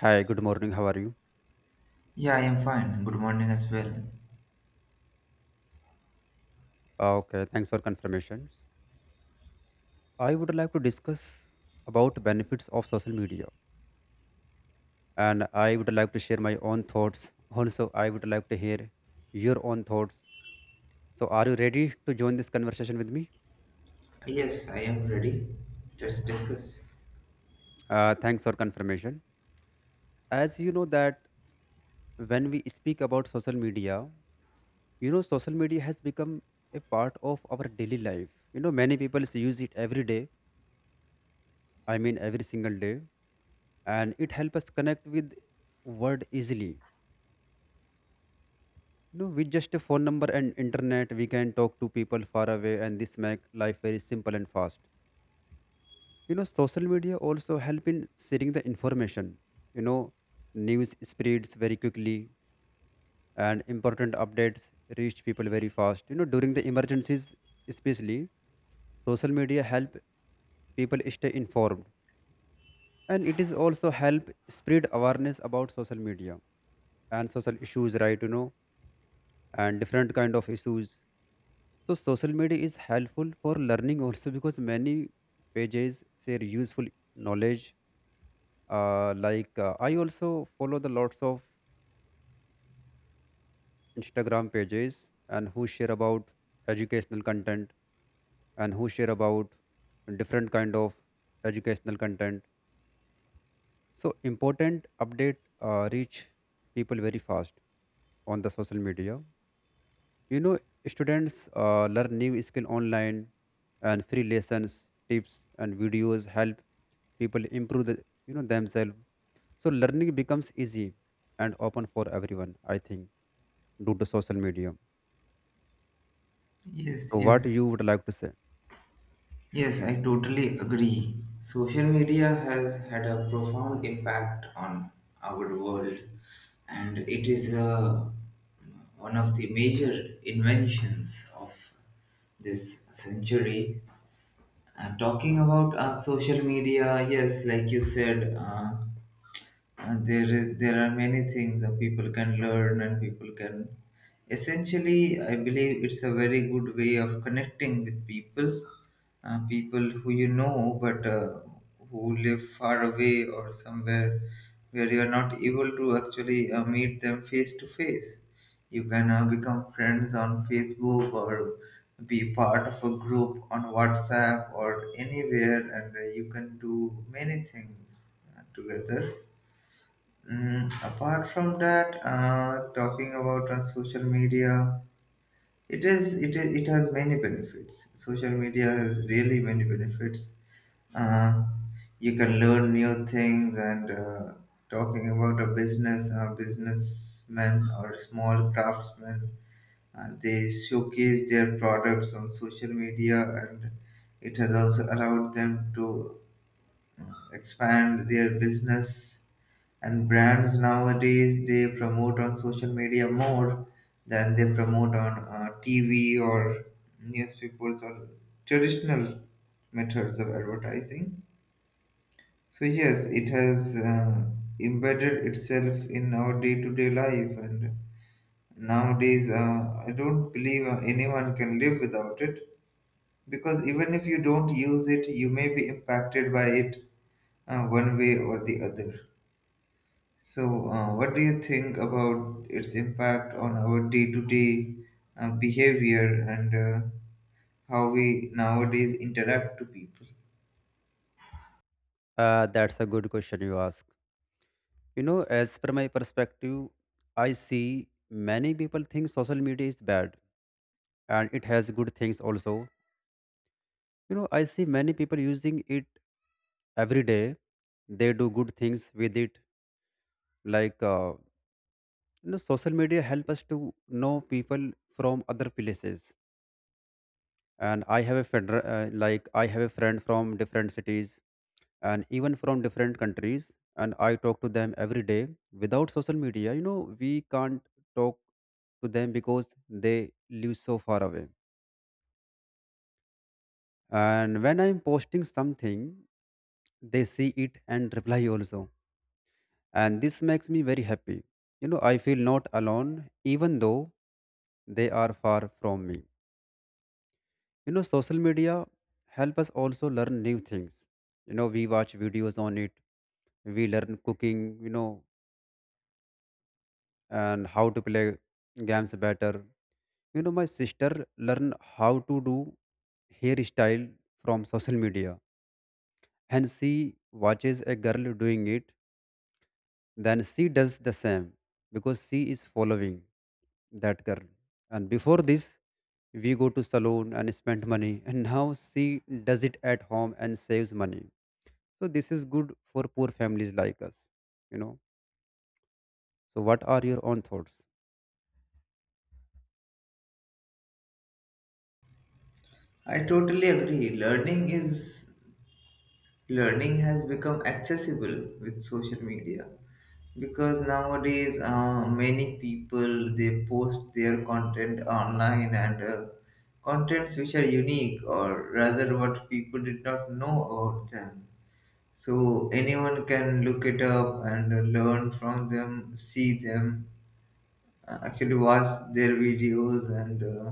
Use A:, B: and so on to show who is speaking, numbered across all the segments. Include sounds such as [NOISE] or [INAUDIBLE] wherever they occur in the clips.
A: Hi, good morning. How are you?
B: Yeah, I am fine. Good morning as well.
A: Okay, thanks for confirmation. I would like to discuss about benefits of social media, and I would like to share my own thoughts. Also, I would like to hear your own thoughts. So, are you ready to join this conversation with me?
B: Yes, I am ready. Let's discuss.
A: Thanks for confirmation. As you know that when we speak about social media, you know social media has become a part of our daily life. You know many people use it every day. I mean every single day, and it helps us connect with world easily, you know, with just a phone number and internet we can talk to people far away, and this make life very simple and fast. You know social media also help in sharing the information, you know, news spreads very quickly and important updates reach people very fast, you know, during the emergencies especially social media help people stay informed, and it is also help spread awareness about social media and social issues, right, you know, and different kind of issues. So social media is helpful for learning also, because many pages share useful knowledge. Like I also follow the lots of Instagram pages and who share about educational content, and who share about different kind of educational content. So important update reach people very fast on the social media. You know, students learn new skill online, and free lessons, tips, and videos help people improve you know themselves, so learning becomes easy and open for everyone, I think, due to social media.
B: Yes,
A: So
B: yes,
A: what you would like to say?
B: yes, I totally agree. Social media has had a profound impact on our world, and it is one of the major inventions of this century. Talking about social media, yes, like you said, and there are many things that people can learn, and people can essentially, I believe, it's a very good way of connecting with people, people who you know, but who live far away or somewhere where you are not able to actually meet them face to face. You can become friends on Facebook, or be part of a group on WhatsApp or anywhere, and you can do many things together. Apart from that, talking about social media, it has many benefits. Social media has really many benefits. Uh, you can learn new things, and talking about a business, a businessman or small craftsman, they showcase their products on social media, and it has also allowed them to uh, expand their business, and brands nowadays they promote on social media more than they promote on TV or newspapers or traditional methods of advertising. So yes, it has embedded itself in our day-to-day life, and nowadays I don't believe anyone can live without it, because even if you don't use it, you may be impacted by it one way or the other. So, what do you think about its impact on our day-to-day behavior, and uh, how we nowadays interact to people?
A: That's a good question you ask. You know, as per my perspective, I see many people think social media is bad, and it has good things also. You know I see many people using it every day, they do good things with it, like you know social media help us to know people from other places. And I have a feder- like I have a friend from different cities and even from different countries, and I talk to them every day. Without social media, you know we can't talk to them because they live so far away. And when I'm posting something, they see it and reply also, and this makes me very happy. You know I feel not alone even though they are far from me. You know, social media help us also learn new things. You know, we watch videos on it. We learn cooking. You know, and how to play games better. You know, my sister learn how to do hairstyle from social media, and she watches a girl doing it. Then she does the same because she is following that girl. And before this, we go to salon and spend money, and now she does it at home and saves money. So this is good for poor families like us, you know. So what are your own thoughts?
B: I totally agree. Learning has become accessible with social media, because nowadays many people they post their content online, and contents which are unique, or rather what people did not know about them. So anyone can look it up and learn from them, see them, actually watch their videos, and uh,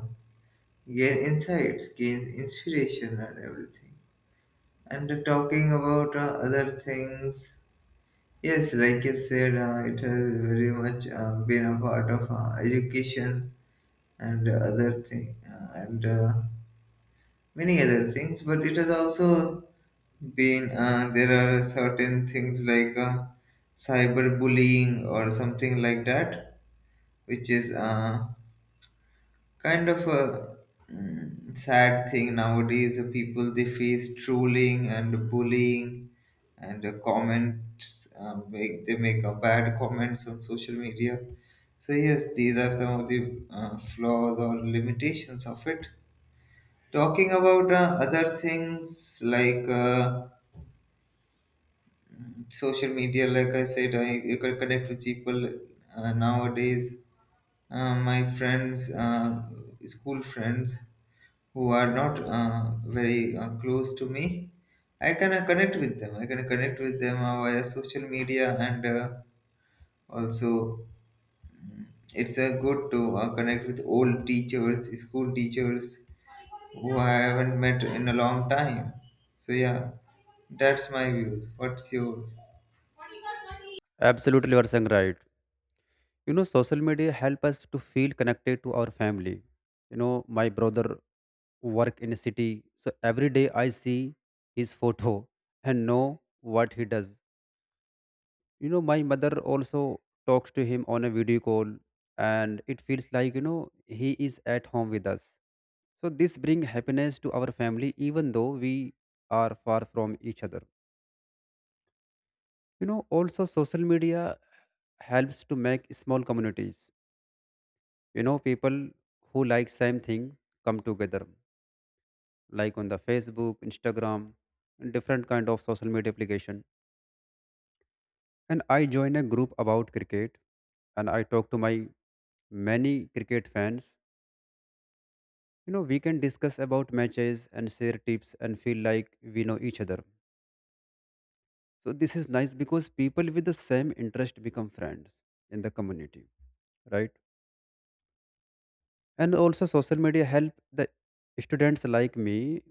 B: gain insights, gain inspiration and everything. And talking about other things, yes, like you said, it has very much been a part of education, and other thing. And many other things, but it has also been there are certain things like cyberbullying or something like that, which is kind of a sad thing nowadays, the people they face trolling and bullying, and comments, make they make bad comments on social media. So yes, these are some of the flaws or limitations of it. Talking about other things like social media, like I said, I you can connect with people nowadays. My friends, school friends who are not very close to me, I can connect with them. I can connect with them via social media, and also it's good to connect with old teachers, school teachers, who I haven't met in a long time. So yeah, that's my views. What's yours?
A: Absolutely, you are saying right. You know, social media help us to feel connected to our family. You know, my brother work in a city, so every day I see his photo [LAUGHS] and know what he does. You know, my mother also talks to him on a video call, and it feels like you know he is at home with us. So this bring happiness to our family, even though we are far from each other. You know also social media helps to make small communities. You know people who like same thing come together, like on the Facebook, Instagram, and different kind of social media application. And I join a group about cricket, and I talk to my many cricket fans. You know we can discuss about matches and share tips and feel like we know each other. So this is nice because people with the same interest become friends in the community, right? And also social media help the students like me.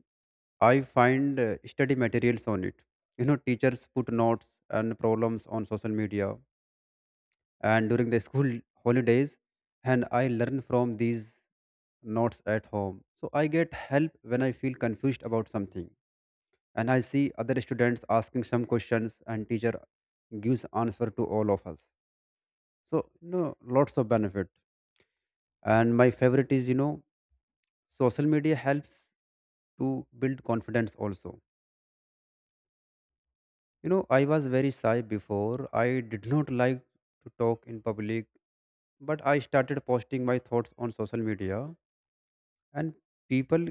A: I find study materials on it. You know teachers put notes and problems on social media and during the school [LAUGHS] holidays, and I learn from these notes at home. So I get help when I feel confused about something, and I see other students asking some questions and teacher gives answer to all of us. So you know lots of benefit. And my favorite is, you know, social media helps to build confidence also. You know I was very shy before, I did not like to talk in public, but I started posting my thoughts on social media, and people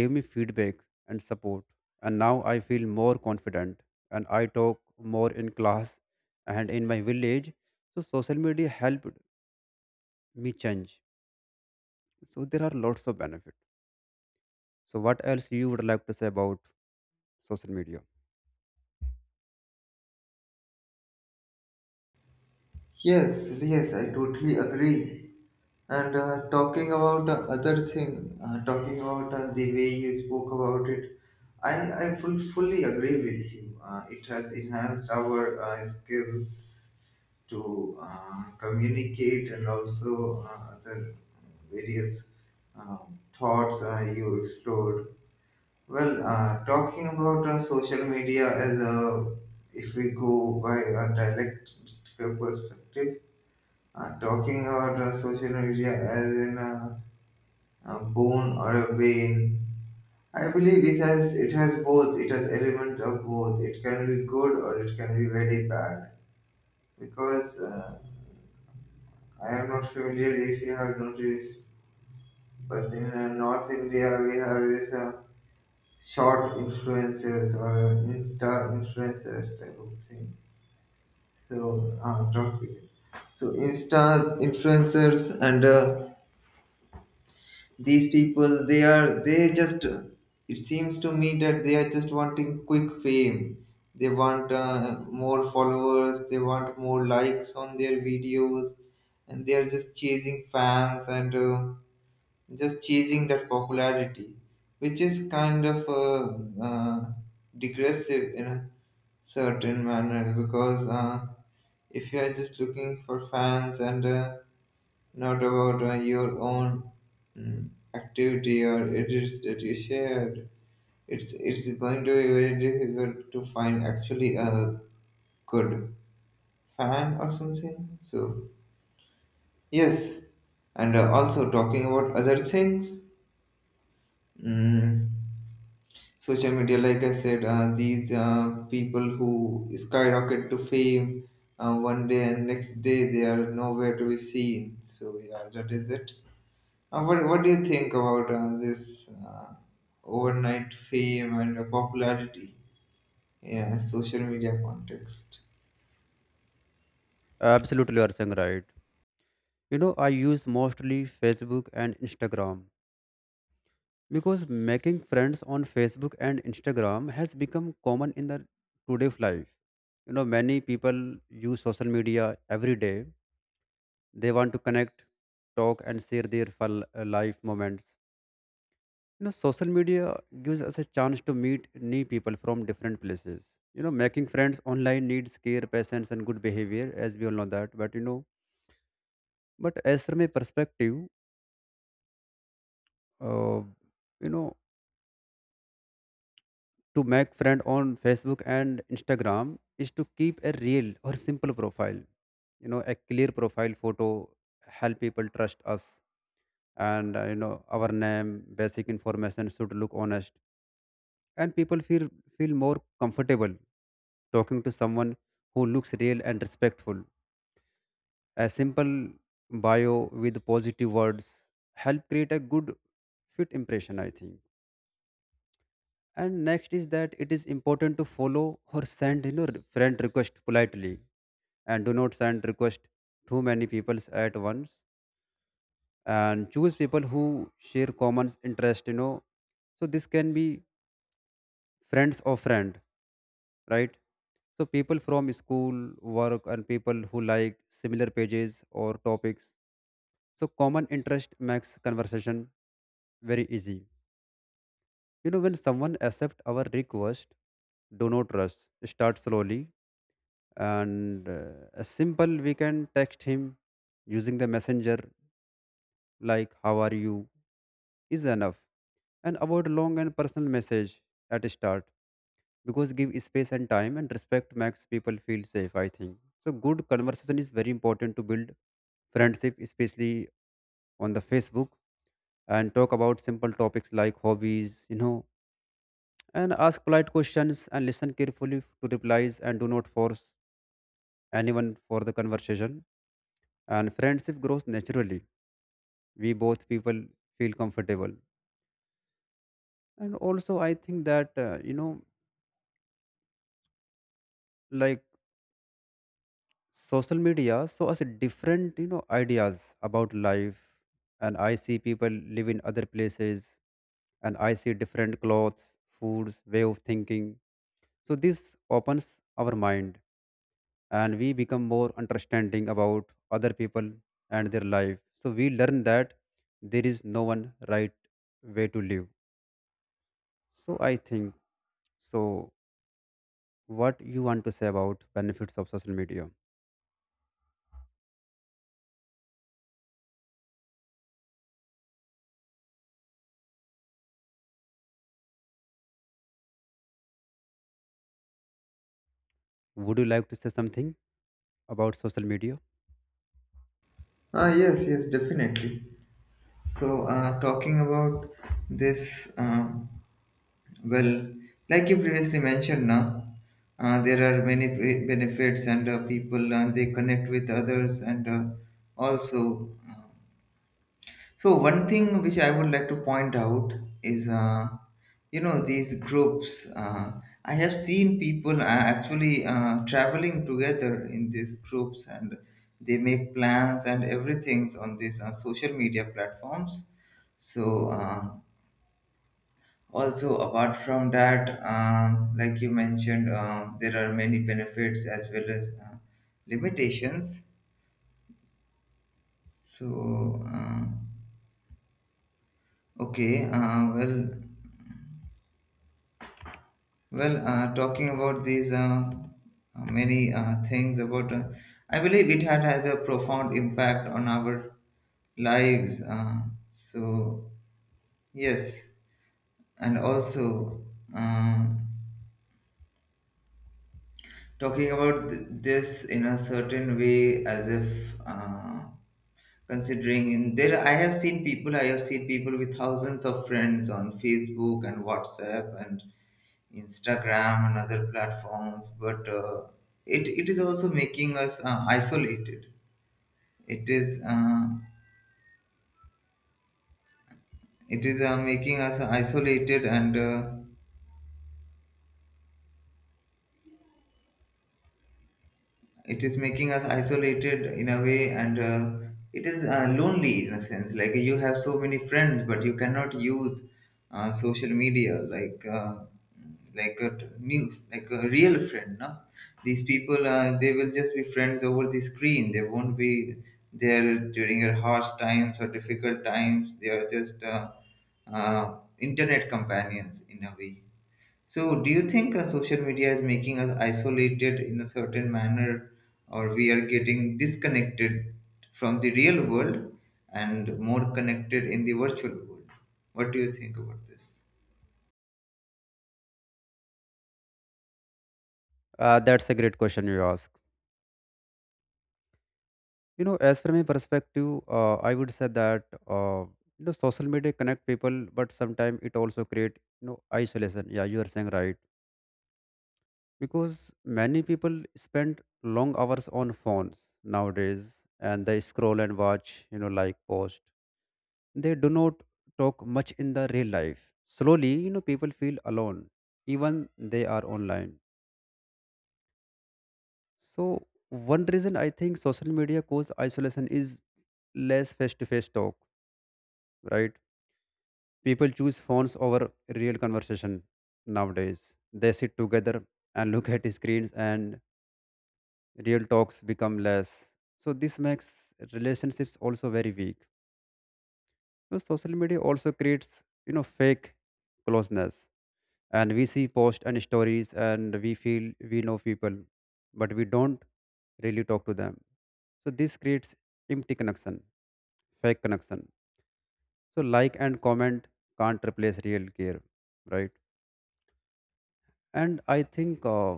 A: gave me feedback and support, and now I feel more confident, and I talk more in class and in my village. So social media helped me change. So there are lots of benefits. So what else you would like to say about social media?
B: Yes, yes, I totally agree. And talking about the other thing, talking about the way you spoke about it, I fully agree with you. It has enhanced our skills to communicate, and also other various thoughts you explored. Well, talking about social media as if we go by a dialectical perspective, talking about social media as in a bone or a vein, I believe it has both. It has elements of both. It can be good, or it can be very bad. Because I am not familiar if you have noticed, but in North India we have this. Short influencers or insta influencers type of thing, so talk with it. So insta influencers, and these people, they just it seems to me that they are just wanting quick fame, they want more followers, they want more likes on their videos, and they are just chasing fans, and just chasing that popularity, which is kind of digressive, certain manner, because if you are just looking for fans, and not about your own activity, or it is that you shared, it's going to be very difficult to find actually a good fan or something, so yes. And also, talking about other things, mm, social media, like I said, these people who skyrocket to fame, one day, and next day they are nowhere to be seen, so yeah, that is it. What do you think about this overnight fame, and popularity in social media context?
A: Absolutely, you are saying right. You know, I use mostly Facebook and Instagram because making friends on Facebook and Instagram has become common in the today's life. You know, many people use social media every day. They want to connect, talk, and share their life moments. You know, social media gives us a chance to meet new people from different places. You know, making friends online needs care, patience, and good behavior, as we all know that. But you know, but as from a perspective, uh, you know to make friend on Facebook and Instagram is to keep a real or simple profile. You know, a clear profile photo help people trust us, and you know our name, basic information should look honest, and people feel feel more comfortable talking to someone who looks real and respectful. A simple bio with positive words help create a good fit impression, I think. And next is that it is important to follow or send, you know, friend request politely, and do not send request too many people at once, and choose people who share common interest, you know. So this can be friends or friend, right? So people from school, work, and people who like similar pages or topics, so common interest makes conversation very easy. You know when someone accept our request, do not rush, start slowly, and a simple we can text him using the messenger, like how are you, is enough, and avoid long and personal message at start because give space and time and respect makes people feel safe, I think. So good conversation is very important to build friendship, especially on the Facebook, and talk about simple topics like hobbies, you know, and ask polite questions and listen carefully to replies, and do not force anyone for the conversation, and friendship grows naturally, we both people feel comfortable. And also I think that you know like social media show us different, you know, ideas about life, and I see people live in other places, and I see different clothes, foods, way of thinking. So this opens our mind, and we become more understanding about other people and their life, so we learn that there is no one right way to live. So I think. So, what you want to say about benefits of social media? Would you like to say something about social media?
B: Yes, yes, definitely. So talking about this, um well, like you previously mentioned, now there are many benefits, and people, they connect with others, and also, so one thing which I would like to point out is, these groups. I have seen people actually traveling together in these groups, and they make plans and everything on these social media platforms. So. Also, apart from that, like you mentioned, there are many benefits as well as limitations. So, okay, well, talking about these many things about, I believe it had had a profound impact on our lives. So, yes, and also. Um, talking about this in a certain way as if considering in there, I have seen people with thousands of friends on Facebook and WhatsApp and Instagram and other platforms. But it is also making us isolated. It is uh, it is making us isolated, and. It is making us isolated in a way, and it is lonely in a sense, like you have so many friends but you cannot use social media like a new, like a real friend, no. These people they will just be friends over the screen, they won't be there during your harsh times or difficult times, they are just internet companions in a way. So, do you think social media is making us isolated in a certain manner, or we are getting disconnected from the real world and more connected in the virtual world? What do you think about this?
A: That's a great question you ask. You know, as from my perspective, I would say that you know social media connect people, but sometimes it also create you know isolation. Yeah, you are saying right, because many people spend long hours on phones nowadays, and they scroll and watch, you know, like post. They do not talk much in the real life. Slowly, you know, people feel alone, even they are online. So one reason I think social media cause isolation is less face-to-face talk, right? People choose phones over real conversation nowadays. They sit together and look at screens, and real talks become less. So this makes relationships also very weak. So social media also creates, you know, fake closeness, and we see posts and stories and we feel we know people, but we don't really talk to them. So this creates empty connection, fake connection. So like and comment can't replace real care, right? And I think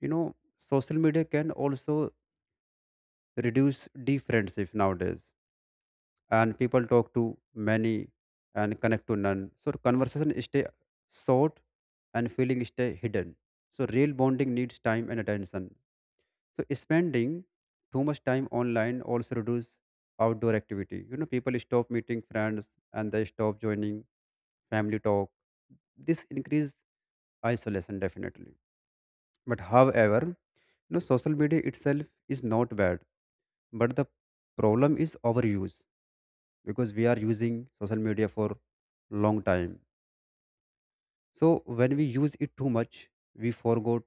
A: you know social media can also reduce deep friendship nowadays, and people talk to many and connect to none. So conversation stay short and feeling stay hidden. So real bonding needs time and attention. So spending too much time online also reduce outdoor activity. You know, people stop meeting friends and they stop joining family talk. This increase isolation definitely. But however, you know, social media itself is not bad, but the problem is overuse because we are using social media for long time. So when we use it too much, we forgot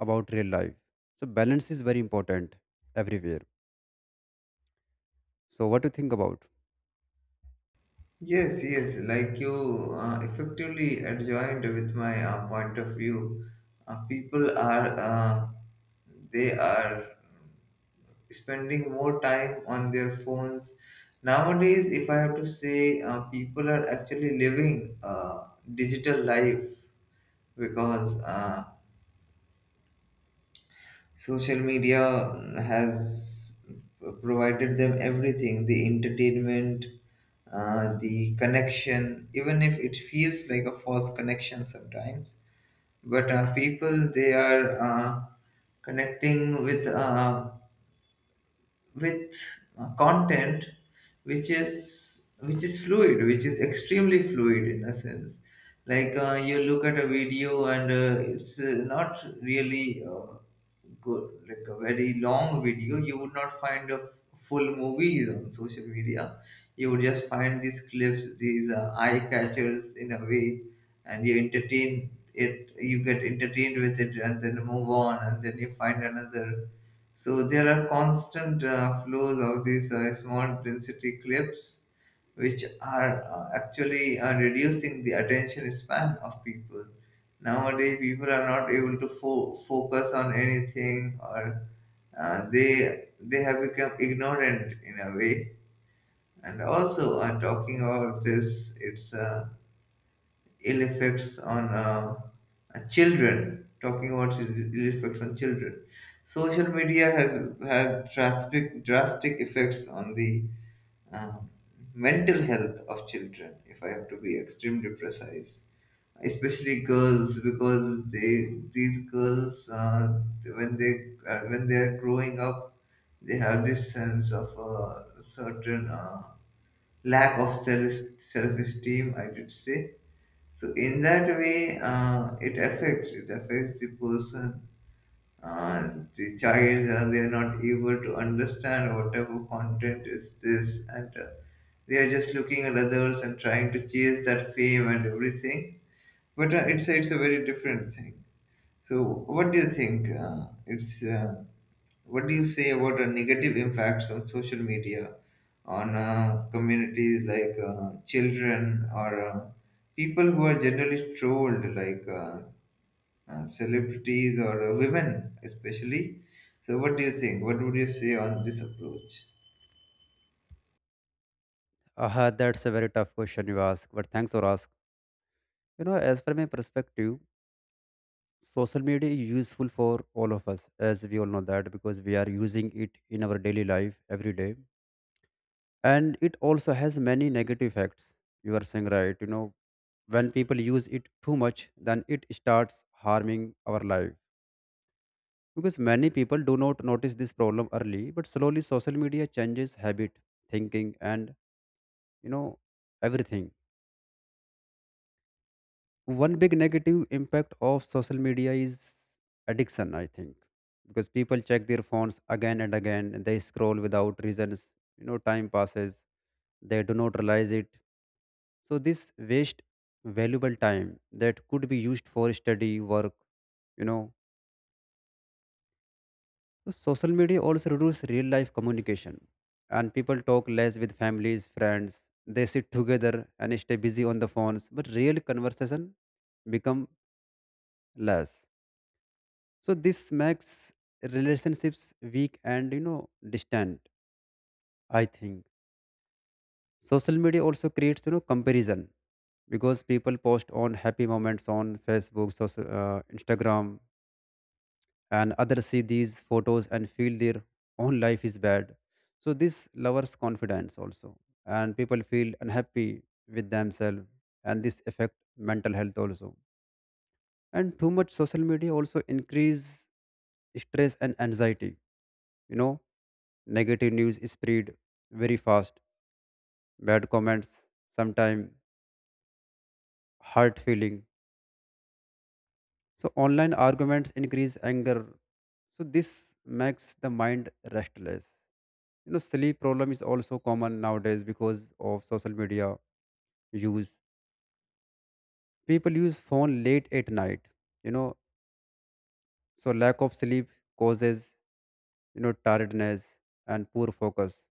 A: about real life. So balance is very important everywhere. So what do you think about?
B: Yes, yes, like you effectively adjoined with my point of view. People are spending more time on their phones. Nowadays, if I have to say, people are actually living a digital life, because social media has provided them everything, the entertainment, the connection, even if it feels like a false connection sometimes, but people they are connecting with with content which is fluid, which is extremely fluid in a sense, like you look at a video, and it's not really good. Like a very long video, you would not find a full movie on social media, you would just find these clips, these eye catchers in a way. And you entertain it, you get entertained with it, and then move on, and then you find another. So there are constant flows of these small density clips, which are actually reducing the attention span of people. Nowadays, people are not able to focus on anything, or they have become ignorant in a way. And also, talking about this, it's ill effects on children. Talking about ill effects on children, social media has had drastic, drastic effects on the um mental health of children. If I have to be extremely precise, especially girls, because they these girls, when they when they are growing up, they have this sense of a certain lack of self esteem, I should say. So in that way, it affects the person, uh, the child. They are not able to understand whatever content is this, and they are just looking at others and trying to chase that fame and everything. But it's a very different thing. So what do you think? It's what do you say about the negative impacts of social media on communities like children, or people who are generally trolled, like celebrities, or women, especially? So, what do you think? What would you say on this approach?
A: That's a very tough question you ask, but thanks for ask. You know, as per my perspective, social media is useful for all of us, as we all know that, because we are using it in our daily life every day. And it also has many negative effects. You are saying right, you know, when people use it too much, then it starts harming our life. Because many people do not notice this problem early, but slowly social media changes habit, thinking, and you know, everything. One big negative impact of social media is addiction, I think, because people check their phones again and again, and they scroll without reasons. You know time passes, they do not realize it. So this waste valuable time that could be used for study work, you know. So social media also reduce real life communication, and people talk less with families, friends. They sit together and stay busy on the phones, but real conversation become less. So this makes relationships weak and you know distant. I think social media also creates you know comparison, because people post on happy moments on Facebook, Instagram, and others see these photos and feel their own life is bad. So this lowers confidence also, and people feel unhappy with themselves, and this affect mental health also. And too much social media also increase stress and anxiety. You know negative news spread very fast, bad comments sometimes hurt feeling. So online arguments increase anger, so this makes the mind restless. You know sleep problem is also common nowadays because of social media use. People use phone late at night, you know. So lack of sleep causes you know tiredness and poor focus.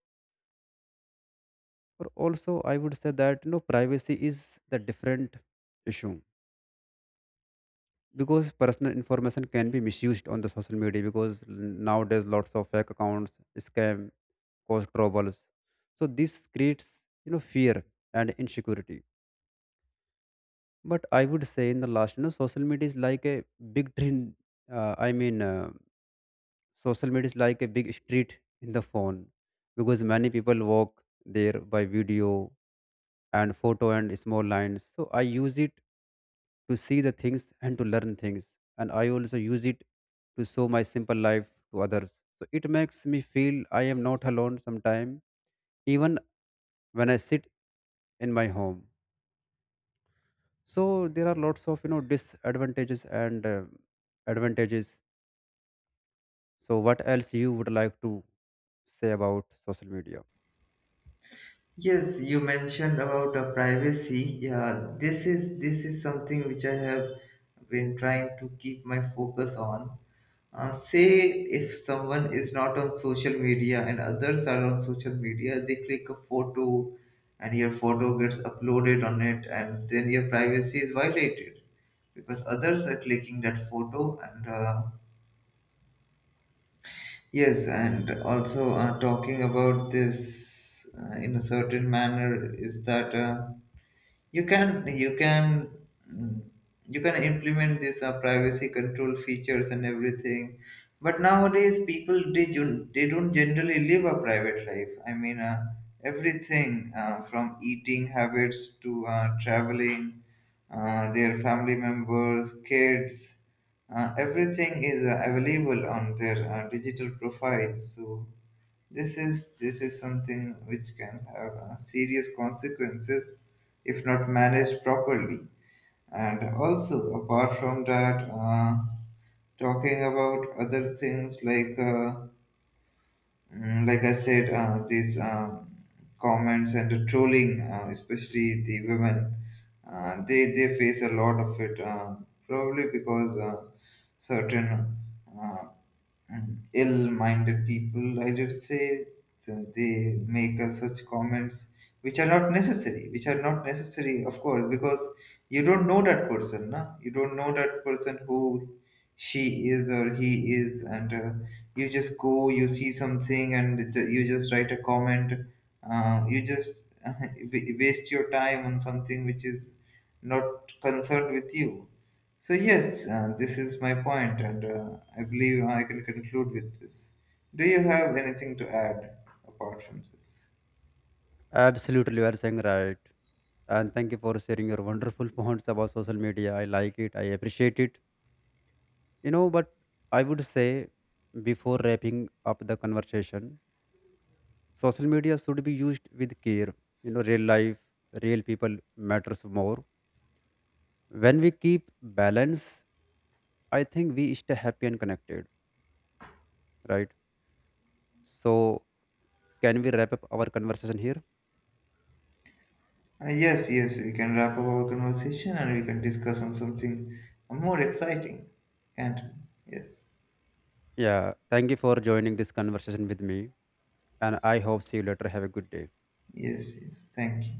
A: But also I would say that you know privacy is the different issue, because personal information can be misused on the social media, because nowadays lots of fake accounts, scam, cause troubles. So this creates you know fear and insecurity. But I would say in the last, you know, social media is like a big train, i mean, social media is like a big street in the phone, because many people walk there by video and photo and small lines. So I use it to see the things and to learn things, and I also use it to show my simple life to others. So it makes me feel I am not alone sometime, even when I sit in my home. So there are lots of you know disadvantages and advantages. So what else you would like to say about social media?
B: Yes, you mentioned about privacy. Yeah, this is something which I have been trying to keep my focus on. Say if someone is not on social media and others are on social media, they click a photo and your photo gets uploaded on it, and then your privacy is violated because others are clicking that photo. And yes, and also talking about this in a certain manner is that. You can you can mm, you can implement this privacy control features and everything, but nowadays people they, they don't generally live a private life. I mean, everything from eating habits to traveling, their family members, kids, everything is available on their digital profile. So this is something which can have serious consequences if not managed properly. And also, apart from that, talking about other things like like I said, these comments and the trolling, especially the women, they face a lot of it. Probably because certain uh, and ill-minded people, I did say, so they make such comments which are not necessary, which are not necessary, of course, because you don't know that person, na? You don't know that person, who she is or he is, and you just go, you see something, and you just write a comment. You just [LAUGHS] waste your time on something which is not concerned with you. So yes, this is my point, and I believe I can conclude with this. Do you have anything to add apart from this?
A: Absolutely, you are saying right, and thank you for sharing your wonderful [LAUGHS] points about social media. I like it, I appreciate it. You know, but I would say before wrapping up the conversation, social media should be used with care. You know, real life, real people matters more. When we keep balance, I think we stay happy and connected, right? So, can we wrap up our conversation here?
B: Yes, yes, we can wrap up our conversation, and we can discuss on something more exciting, can't we? Yes,
A: Yeah, thank you for joining this conversation with me, and I hope see you later. Have a good day.
B: yes, yes. Thank you.